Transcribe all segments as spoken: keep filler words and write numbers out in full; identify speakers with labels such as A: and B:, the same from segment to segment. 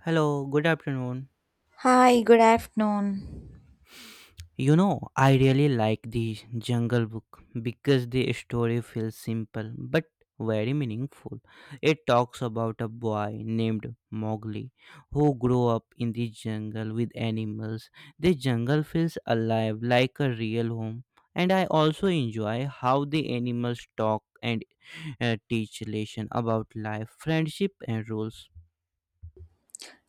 A: Hello, good afternoon.
B: Hi, good afternoon.
A: You know, I really like the Jungle Book because the story feels simple but very meaningful. It talks about a boy named Mowgli who grew up in the jungle with animals. The jungle feels alive like a real home, and I also enjoy how the animals talk and uh, teach lesson about life, friendship, and rules.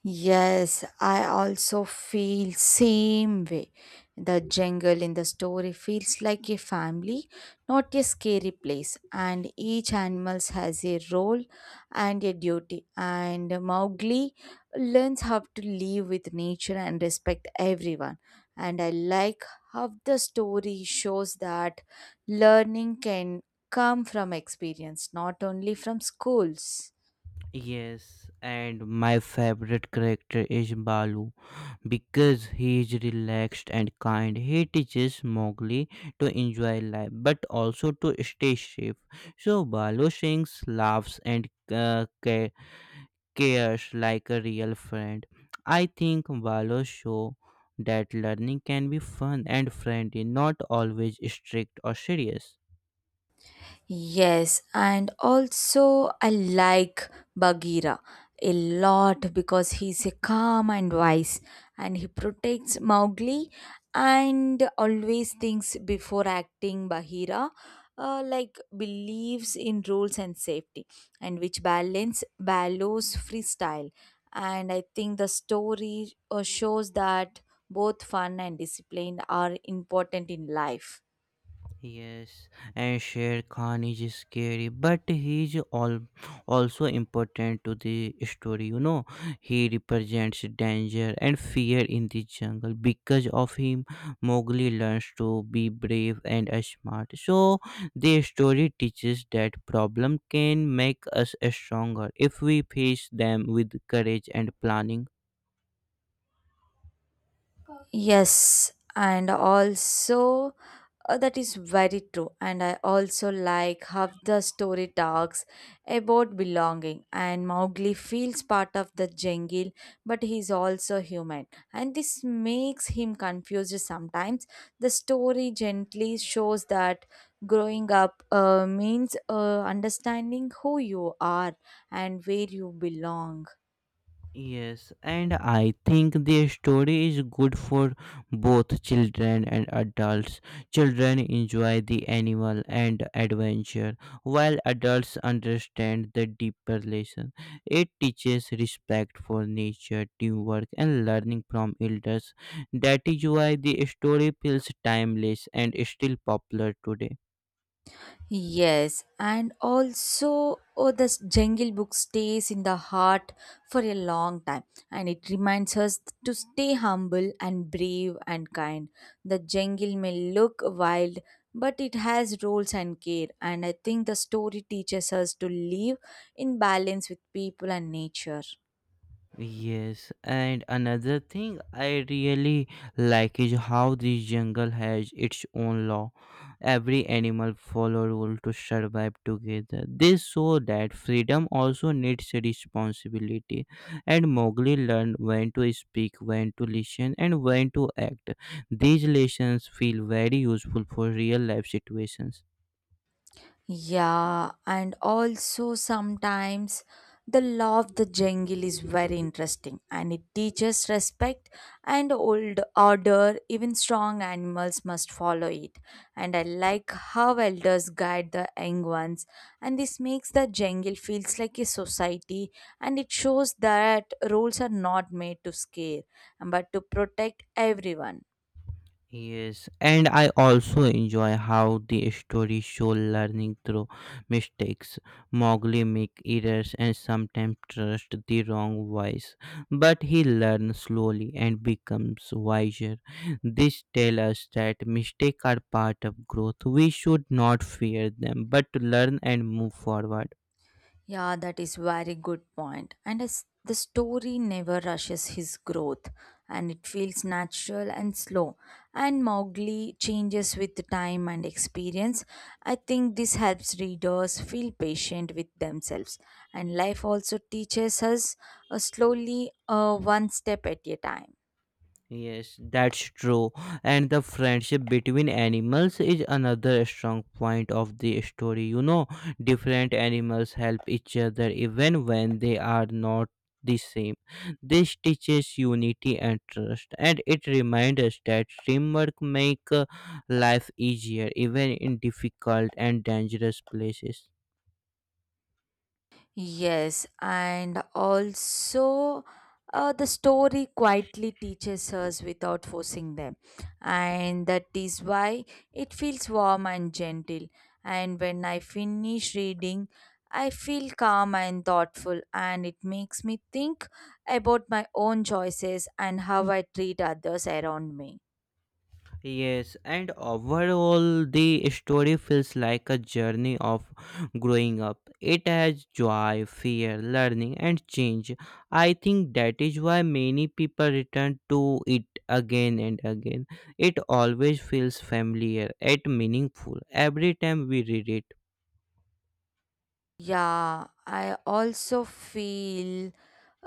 B: Yes, I also feel same way. The jungle in the story feels like a family, not a scary place, and each animal has a role and a duty. And Mowgli learns how to live with nature and respect everyone. And I like how the story shows that learning can come from experience, not only from schools.
A: Yes, and my favorite character is Balu because he is relaxed and kind, he teaches Mowgli to enjoy life but also to stay safe. So Balu sings, laughs, and uh, ca- cares like a real friend. I think Balu show that learning can be fun and friendly, not always strict or serious.
B: Yes, and also I like Bagheera a lot because he's a calm and wise and he protects Mowgli and always thinks before acting Bagheera uh, like believes in rules and safety and which balance Baloo's freestyle and I think the story uh, shows that both fun and discipline are important in life.
A: Yes, and Sher Khan is scary, but he's all also important to the story. You know, he represents danger and fear in the jungle. Because of him, Mowgli learns to be brave and uh, smart. So the story teaches that problem can make us stronger if we face them with courage and planning.
B: Yes, and also uh, that is very true. And I also like how the story talks about belonging. And Mowgli feels part of the jungle, but he's also human. And this makes him confused sometimes. The story gently shows that growing up uh, means uh, understanding who you are and where you belong.
A: Yes, and I think the story is good for both children and adults. Children enjoy the animal and adventure, while adults understand the deeper lesson. It teaches respect for nature, teamwork, and learning from elders. That is why the story feels timeless and is still popular today.
B: Yes, and also oh, this Jungle Book stays in the heart for a long time and it reminds us to stay humble and brave and kind. The jungle may look wild, but it has rules and care, and I think the story teaches us to live in balance with people and nature.
A: Yes, and another thing I really like is how this jungle has its own law. Every animal follow rule to survive together. This show that freedom also needs responsibility, and Mowgli learned when to speak, when to listen, and when to act. These lessons feel very useful for real life situations.
B: Yeah, and also sometimes the law of the jungle is very interesting and it teaches respect and old order. Even strong animals must follow it. And I like how elders guide the young ones, and this makes the jungle feels like a society and it shows that rules are not made to scare but to protect everyone.
A: Yes, and I also enjoy how the story show learning through mistakes. Mowgli make errors and sometimes trust the wrong voice, but he learns slowly and becomes wiser. This tells us that mistakes are part of growth. We should not fear them, but learn and move forward.
B: Yeah, that is very good point. And as the story never rushes his growth, and it feels natural and slow. And Mowgli changes with the time and experience. I think this helps readers feel patient with themselves. And life also teaches us uh, slowly, uh, one step at a time.
A: Yes, that's true. And the friendship between animals is another strong point of the story. You know, different animals help each other even when they are not the same. This teaches unity and trust, and it reminds us that teamwork makes life easier even in difficult and dangerous places.
B: Yes, and also uh, the story quietly teaches us without forcing them, and that is why it feels warm and gentle. And when I finish reading, I feel calm and thoughtful, and it makes me think about my own choices and how I treat others around me.
A: Yes, and overall, the story feels like a journey of growing up. It has joy, fear, learning, and change. I think that is why many people return to it again and again. It always feels familiar and meaningful every time we read it.
B: Yeah, I also feel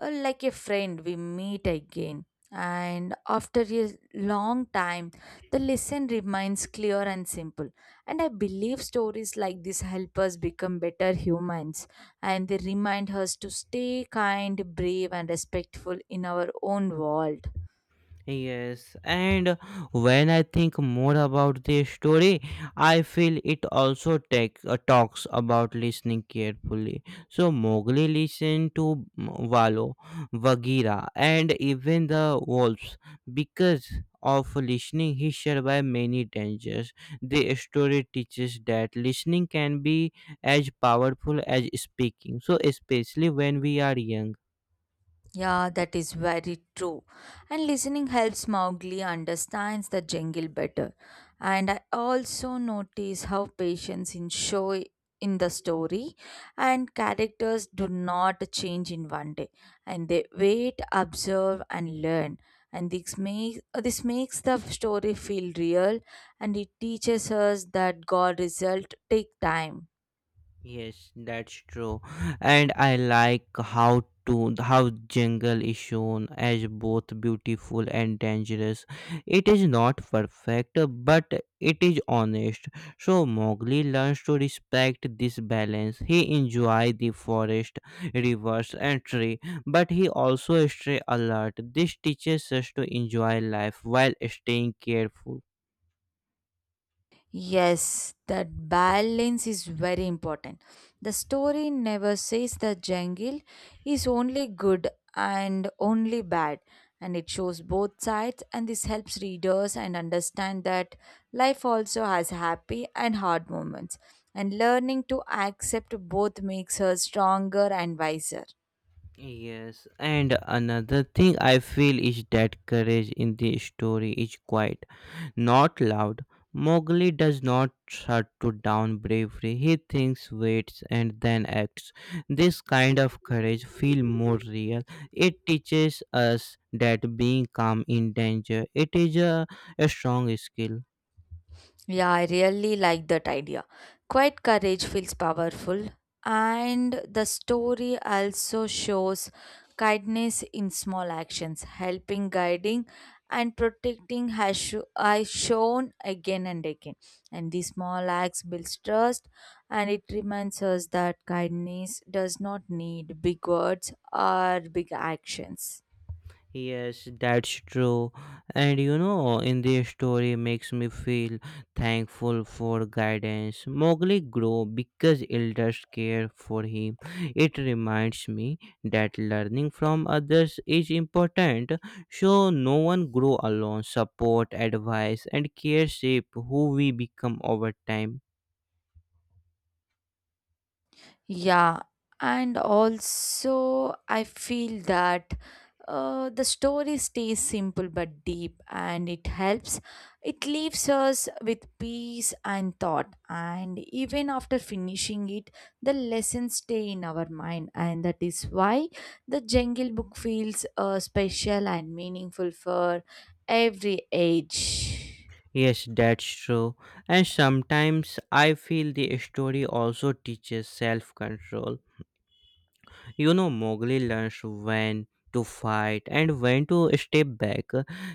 B: uh, like a friend we meet again. And after a long time, the lesson remains clear and simple. And I believe stories like this help us become better humans and they remind us to stay kind, brave, and respectful in our own world.
A: Yes, and when I think more about this story, I feel it also take, uh, talks about listening carefully. So Mowgli listened to mm, Valo, Bagheera, and even the wolves. Because of listening, he survived many dangers. The story teaches that listening can be as powerful as speaking. So especially when we are young.
B: Yeah, that is very true. And listening helps Mowgli understands the jungle better. And I also notice how patience in show in the story and characters do not change in one day. And they wait, observe and learn. And this makes this makes the story feel real and it teaches us that God result take time.
A: Yes, that's true. And I like how to how jungle is shown as both beautiful and dangerous. It is not perfect, but it is honest. So Mowgli learns to respect this balance. He enjoys the forest, rivers, and tree, but he also stay alert. This teaches us to enjoy life while staying careful.
B: Yes, that balance is very important. The story never says the jungle is only good and only bad, and it shows both sides, and this helps readers and understand that life also has happy and hard moments, and learning to accept both makes her stronger and wiser.
A: Yes, and another thing I feel is that courage in the story is quiet, not loud. Mowgli does not shut to down bravery. He thinks, waits, and then acts. This kind of courage feels more real. It teaches us that being calm in danger it is a, a strong skill.
B: Yeah, I really like that idea. Quiet courage feels powerful, and the story also shows kindness in small actions, helping, guiding, and protecting has sho- I shown again and again. And these small acts builds trust, and it reminds us that kindness does not need big words or big actions.
A: Yes, that's true. And you know, in this story makes me feel thankful for guidance. Mowgli grew because elders care for him. It reminds me that learning from others is important. So no one grow alone. Support, advice, and care shape who we become over time.
B: Yeah, and also I feel that uh, the story stays simple but deep and it helps. It leaves us with peace and thought, and even after finishing it, the lessons stay in our mind, and that is why the Jungle Book feels uh, special and meaningful for every age.
A: Yes, that's true. And sometimes I feel the story also teaches self control. You know, Mowgli learns when to fight and when to step back.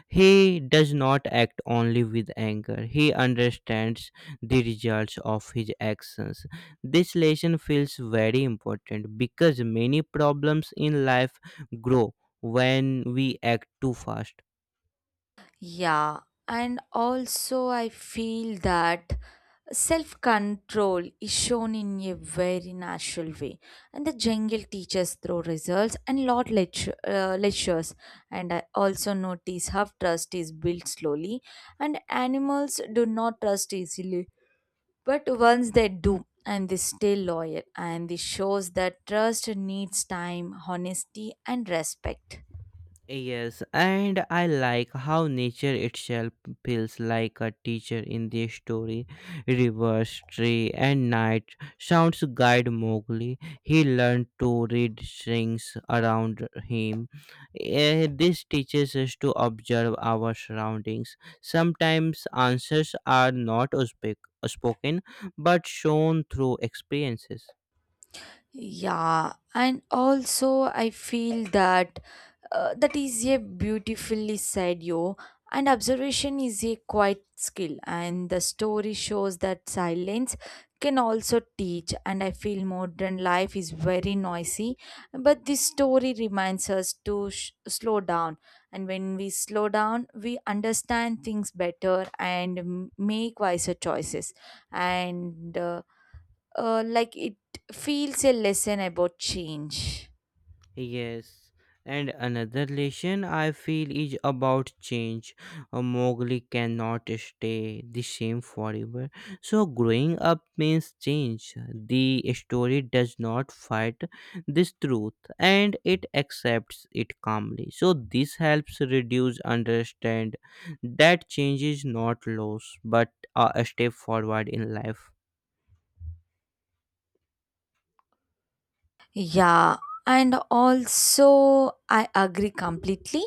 A: He does not act only with anger, he understands the results of his actions. This lesson feels very important because many problems in life grow when we act too fast.
B: Yeah, and also I feel that self control is shown in a very natural way. And the jungle teaches through results and lot lecture, uh, lectures. And I also notice how trust is built slowly, and animals do not trust easily. But once they do, and they stay loyal, and this shows that trust needs time, honesty, and respect.
A: Yes, and I like how nature itself feels like a teacher in this story. Rivers, tree, and night sounds guide Mowgli. He learned to read things around him. Eh, This teaches us to observe our surroundings. Sometimes answers are not spec- spoken but shown through experiences.
B: Yeah, and also I feel that uh, that is a beautifully said, yo. And observation is a quiet skill, and the story shows that silence can also teach. And I feel modern life is very noisy, but this story reminds us to sh- slow down. And when we slow down, we understand things better and m- make wiser choices. And uh, uh, like it feels a lesson about change.
A: Yes, and another lesson I feel is about change. A Mowgli cannot stay the same forever. So growing up means change. The story does not fight this truth and it accepts it calmly. So this helps reduce understand that change is not loss but a step forward in life.
B: Yeah, and also I agree completely.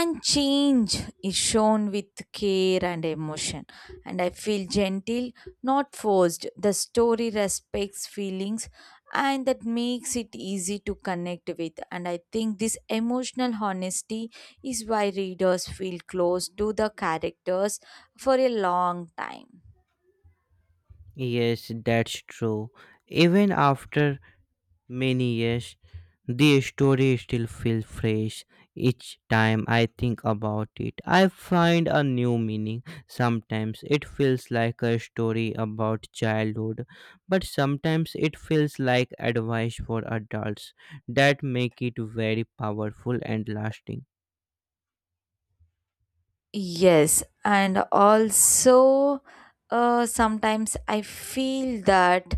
B: And change is shown with care and emotion. And I feel gentle, not forced. The story respects feelings and that makes it easy to connect with. And I think this emotional honesty is why readers feel close to the characters for a long time.
A: Yes, that's true. Even after many years, the story still feels fresh each time I think about it. I find a new meaning. Sometimes it feels like a story about childhood, but sometimes it feels like advice for adults that make it very powerful and lasting.
B: Yes, and also uh, sometimes I feel that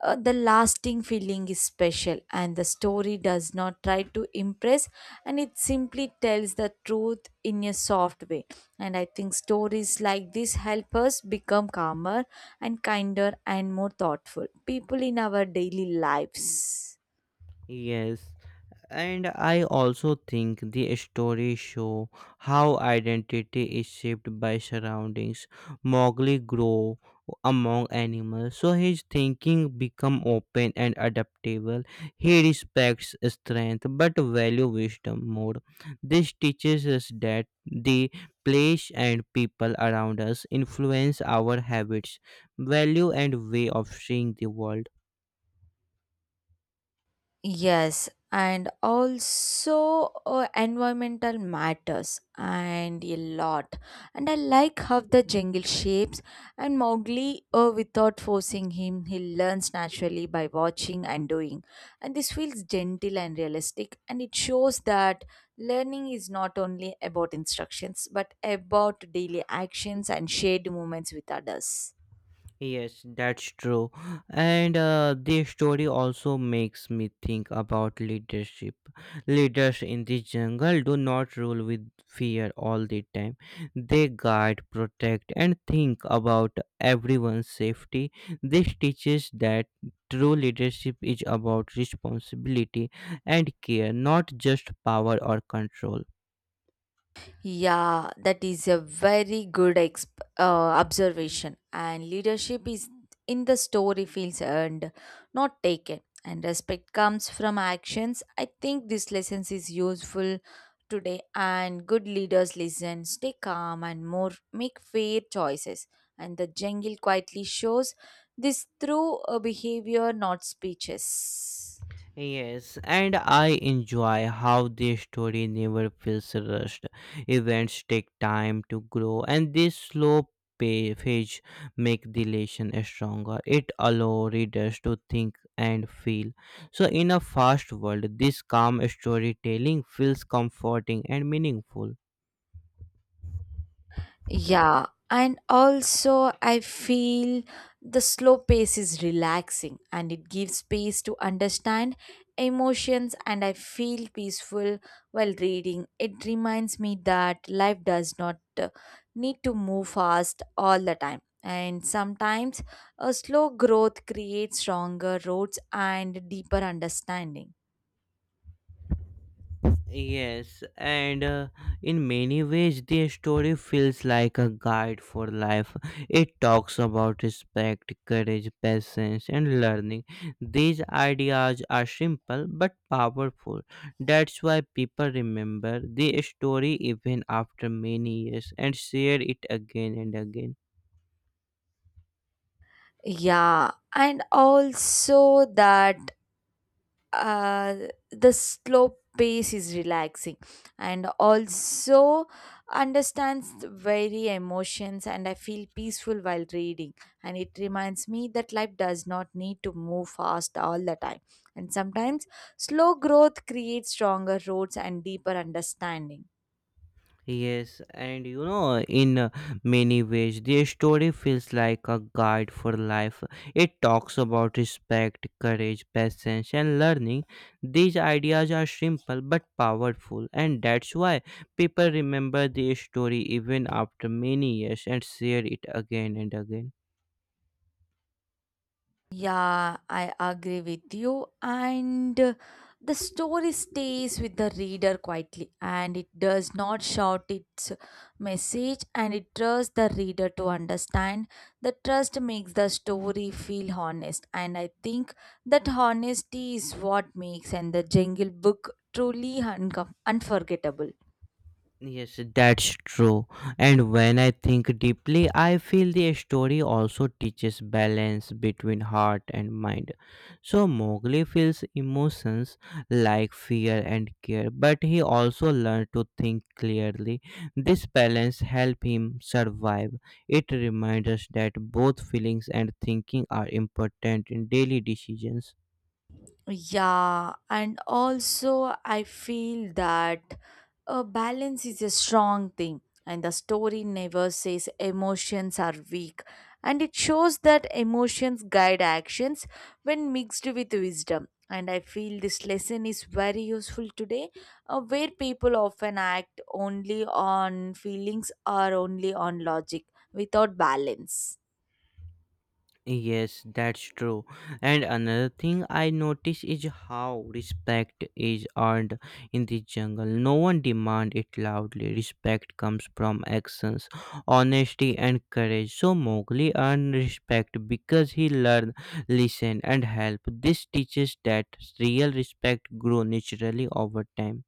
B: uh, the lasting feeling is special, and the story does not try to impress, and it simply tells the truth in a soft way. And I think stories like this help us become calmer and kinder and more thoughtful people in our daily lives.
A: Yes, and I also think the stories show how identity is shaped by surroundings. Mowgli grow among animals, so his thinking become open and adaptable. He respects strength but value wisdom more. This teaches us that the place and people around us influence our habits, value, and way of seeing the world.
B: Yes, and also uh, environmental matters and a lot. And I like how the jungle shapes and Mowgli, uh, without forcing him, he learns naturally by watching and doing. And this feels gentle and realistic, and it shows that learning is not only about instructions but about daily actions and shared moments with others.
A: Yes, that's true. And uh, this story also makes me think about leadership. Leaders in the jungle do not rule with fear all the time. They guide, protect, and think about everyone's safety. This teaches that true leadership is about responsibility and care, not just power or control.
B: Yeah, that is a very good exp- uh, observation. And leadership is in the story fields and not taken. And respect comes from actions. I think this lesson is useful today. And good leaders listen, stay calm, and more make fair choices. And the jungle quietly shows this through a behavior, not speeches.
A: Yes, and I enjoy how this story never feels rushed. Events take time to grow, and this slow pa- page make the relation stronger. It allows readers to think and feel. So, in a fast world, this calm storytelling feels comforting and meaningful.
B: Yeah, and also I feel the slow pace is relaxing and it gives space to understand emotions and I feel peaceful while reading. It reminds me that life does not uh, need to move fast all the time. And sometimes a slow growth creates stronger roots and deeper understanding.
A: Yes, and uh, in many ways, the story feels like a guide for life. It talks about respect, courage, patience, and learning. These ideas are simple but powerful. That's why people remember the story even after many years and share it again and again.
B: Yeah, and also that uh, the slow pace is relaxing and also understands very emotions and I feel peaceful while reading and it reminds me that life does not need to move fast all the time and sometimes slow growth creates stronger roots and deeper understanding.
A: Yes, and you know, in uh, many ways, the story feels like a guide for life. It talks about respect, courage, patience, and learning. These ideas are simple but powerful, and that's why people remember the story even after many years and share it again and again.
B: Yeah, I agree with you. And uh, the story stays with the reader quietly and it does not shout its message and it trusts the reader to understand. The trust makes the story feel honest, and I think that honesty is what makes and the Jungle Book truly uncom- unforgettable.
A: Yes, that's true. And when I think deeply, I feel the story also teaches balance between heart and mind. So Mowgli feels emotions like fear and care, but he also learned to think clearly. This balance helped him survive. It reminds us that both feelings and thinking are important in daily decisions.
B: Yeah, and also I feel that a balance is a strong thing, and the story never says emotions are weak, and it shows that emotions guide actions when mixed with wisdom. And I feel this lesson is very useful today, uh, where people often act only on feelings or only on logic without balance.
A: Yes, that's true. And another thing I notice is how respect is earned in the jungle. No one demand it loudly. Respect comes from actions, honesty and courage. So Mowgli earned respect because he learned, listen and help. This teaches that real respect grow naturally over time.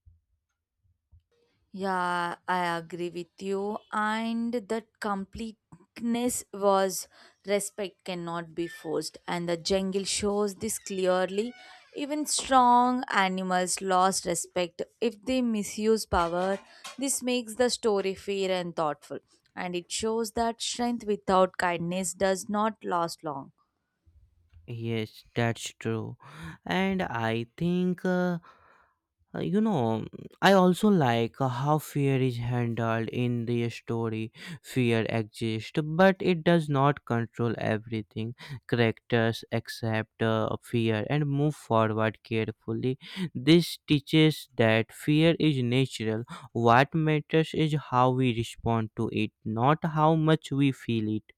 B: Yeah, I agree with you. And that completeness was respect cannot be forced. And the jungle shows this clearly. Even strong animals lost respect if they misuse power. This makes the story fair and thoughtful. And it shows that strength without kindness does not last long.
A: Yes, that's true. And I think, uh, uh, you know, I also like uh, how fear is handled in the story. Fear exists, but it does not control everything. Characters accept uh, fear and move forward carefully. This teaches that fear is natural. What matters is how we respond to it, not how much we feel it.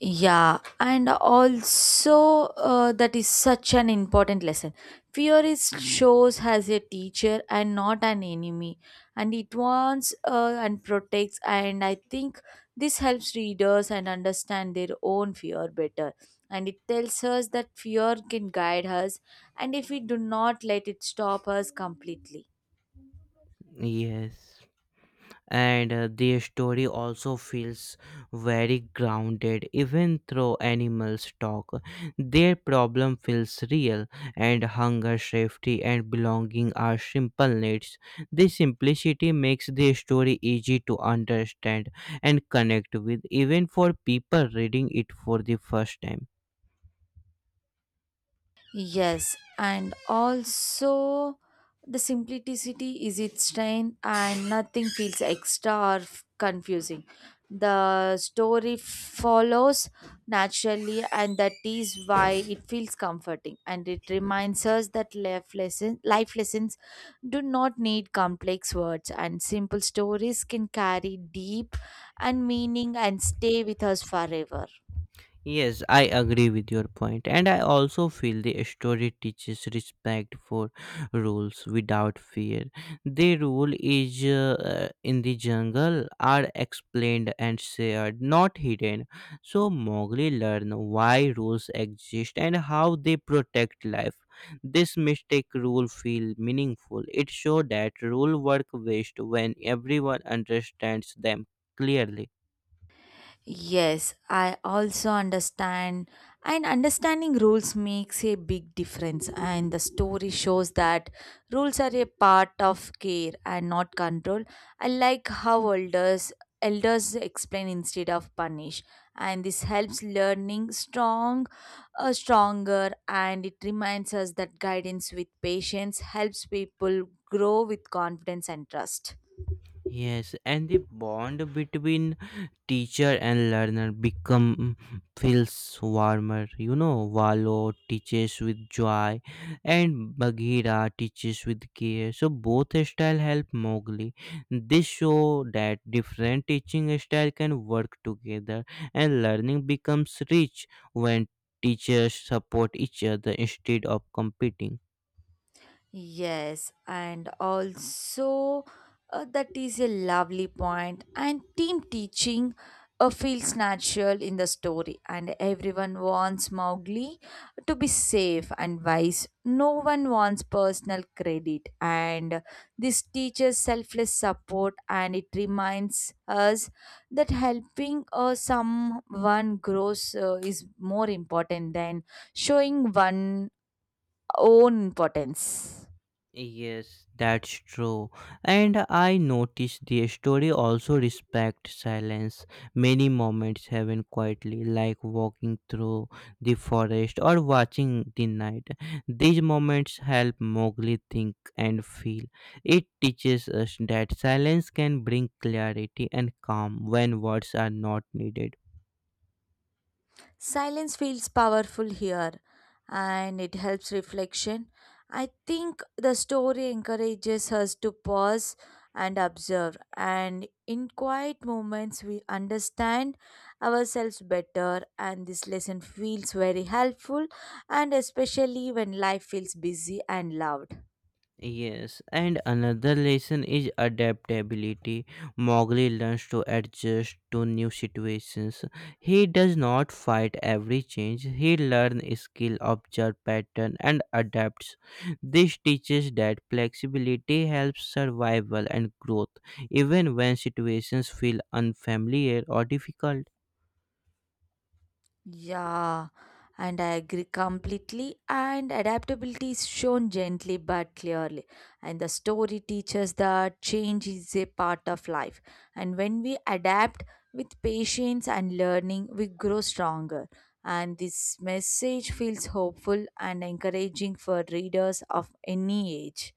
B: Yeah, and also uh, that is such an important lesson. Fear is shows as a teacher and not an enemy, and it warns uh, and protects. And I think this helps readers and understand their own fear better. And it tells us that fear can guide us, and if we do not let it stop us completely.
A: Yes. And uh, their story also feels very grounded. Even though animals talk, their problem feels real, and hunger safety and belonging are simple needs. This simplicity makes their story easy to understand and connect with, even for people reading it for the first time.
B: Yes, and also the simplicity is its strength, and nothing feels extra or f- confusing. The story follows naturally, and that is why it feels comforting. And it reminds us that life lessons, life lessons do not need complex words, and simple stories can carry deep and meaning and stay with us forever.
A: Yes, I agree with your point, and I also feel the story teaches respect for rules without fear. The rule is uh, in the jungle are explained and shared, not hidden. So Mowgli learn why rules exist and how they protect life. This mistake rule feel meaningful. It show that rule work best when everyone understands them clearly.
B: Yes, I also understand, and understanding rules makes a big difference. And the story shows that rules are a part of care and not control. I like how elders elders explain instead of punish, and this helps learning strong uh, stronger and it reminds us that guidance with patience helps people grow with confidence and trust.
A: Yes, and the bond between teacher and learner become feels warmer. You know, Valo teaches with joy, and Bagheera teaches with care. So both style help Mowgli. This show that different teaching style can work together, and learning becomes rich when teachers support each other instead of competing.
B: Yes, and also uh, that is a lovely point. And team teaching uh, feels natural in the story, and everyone wants Mowgli to be safe and wise. No one wants personal credit, and this teaches selfless support, and it reminds us that helping uh, someone grows uh, is more important than showing one own importance.
A: Yes, that's true. And I noticed the story also respect silence. Many moments happen quietly, like walking through the forest or watching the night. These moments help Mowgli think and feel. It teaches us that silence can bring clarity and calm when words are not needed.
B: Silence feels powerful here and it helps reflection. I think the story encourages us to pause and observe, and in quiet moments, we understand ourselves better. And this lesson feels very helpful, and especially when life feels busy and loud.
A: Yes, and another lesson is adaptability. Mowgli learns to adjust to new situations. He does not fight every change. He learns skill, observe pattern, and adapts. This teaches that flexibility helps survival and growth, even when situations feel unfamiliar or difficult.
B: Yeah, and I agree completely. And adaptability is shown gently but clearly. And the story teaches that change is a part of life. And when we adapt with patience and learning, we grow stronger. And this message feels hopeful and encouraging for readers of any age.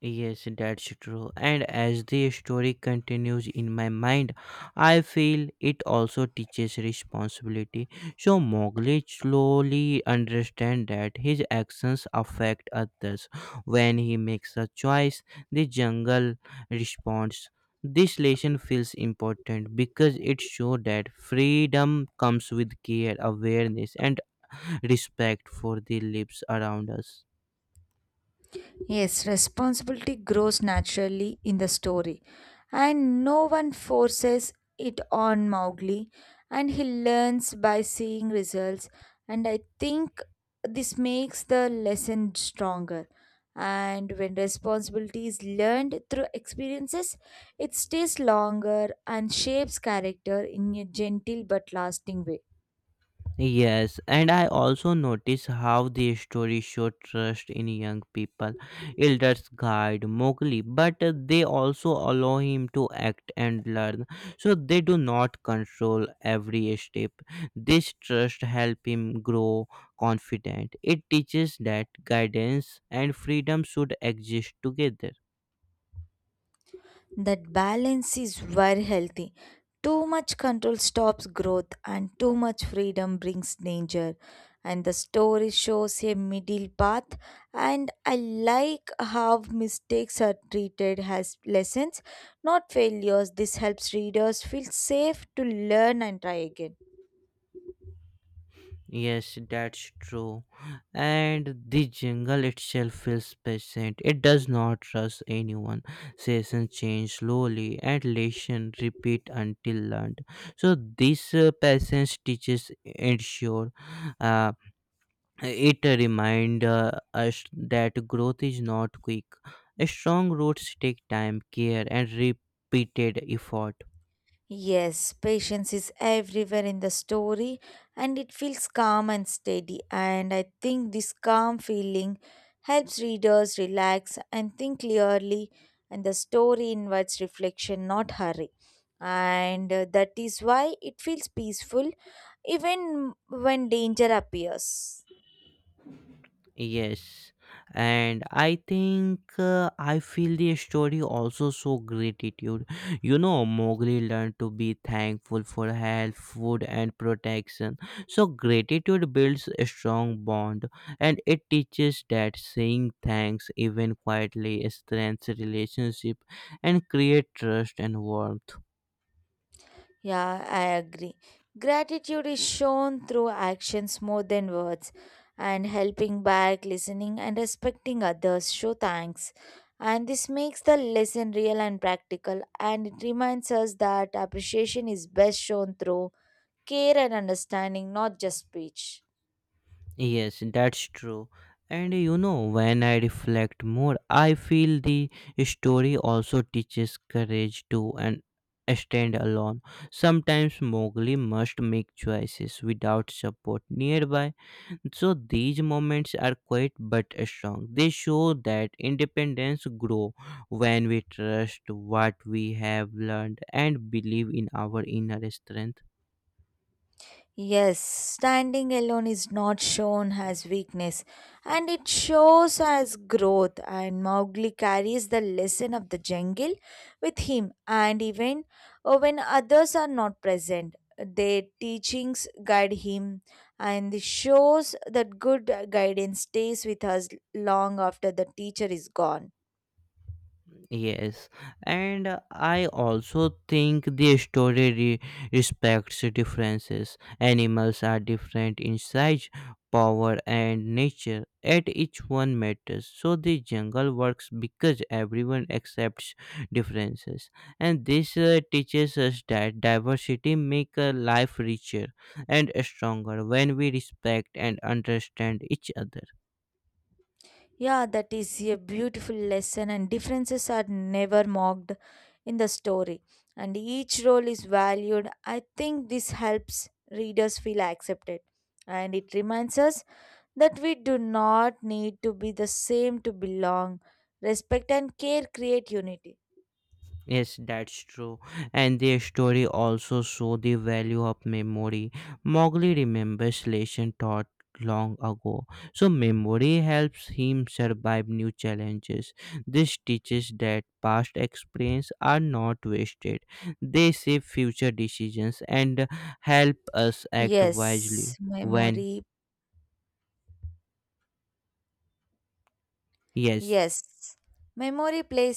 A: Yes, that's true. And as the story continues in my mind, I feel it also teaches responsibility. So Mowgli slowly understands that his actions affect others. When he makes a choice, the jungle responds. This lesson feels important because it shows that freedom comes with care, awareness, and respect for the lives around us.
B: Yes, responsibility grows naturally in the story, and no one forces it on Mowgli, and he learns by seeing results. And I think this makes the lesson stronger. And when responsibility is learned through experiences, it stays longer and shapes character in a gentle but lasting way.
A: Yes, and I also notice how the stories show trust in young people. Elders guide Mowgli, but uh, they also allow him to act and learn, so they do not control every step. This trust helps him grow confident. It teaches that guidance and freedom should exist together.
B: That balance is very healthy. Too much control stops growth, and too much freedom brings danger. And the story shows a middle path, and I like how mistakes are treated as lessons, not failures. This helps readers feel safe to learn and try again.
A: Yes, that's true. And the jungle itself feels patient. It does not rush anyone. Seasons change slowly and lessons repeat until learned. So this uh, patience teaches ensure. Uh, it reminds us that growth is not quick. Strong roots take time, care, and repeated effort.
B: Yes, patience is everywhere in the story and it feels calm and steady. And I think this calm feeling helps readers relax and think clearly, and the story invites reflection, not hurry. And uh, that is why it feels peaceful even when danger appears.
A: Yes, and I think uh, I feel the story also show gratitude. You know, Mowgli learned to be thankful for health, food, and protection. So, gratitude builds a strong bond, and it teaches that saying thanks, even quietly, strengthens relationship and create trust and warmth.
B: Yeah, I agree. Gratitude is shown through actions more than words, and helping back, listening, and respecting others show thanks. And this makes the lesson real and practical, and it reminds us that appreciation is best shown through care and understanding, not just speech.
A: Yes, that's true. And you know, when I reflect more, I feel the story also teaches courage to and stand alone. Sometimes Mowgli must make choices without support nearby. So these moments are quite but strong. They show that independence grow when we trust what we have learned and believe in our inner strength.
B: Yes, standing alone is not shown as weakness and it shows as growth. And Mowgli carries the lesson of the jungle with him, and even uh, when others are not present, their teachings guide him. And this shows that good guidance stays with us long after the teacher is gone.
A: Yes, and uh, I also think the story re- respects differences. Animals are different in size, power, and nature, yet each one matters. So the jungle works because everyone accepts differences, and this uh, teaches us that diversity makes life richer and stronger when we respect and understand each other.
B: Yeah, that is a beautiful lesson, and differences are never mocked in the story, and each role is valued. I think this helps readers feel accepted, and it reminds us that we do not need to be the same to belong. Respect and care create unity.
A: Yes, that's true. And their story also show the value of memory. Mowgli remembers lesson taught long ago. So memory helps him survive new challenges. This teaches that past experience are not wasted. They shape future decisions and help us act
B: Yes,
A: wisely when
B: memory.
A: yes
B: Yes, memory plays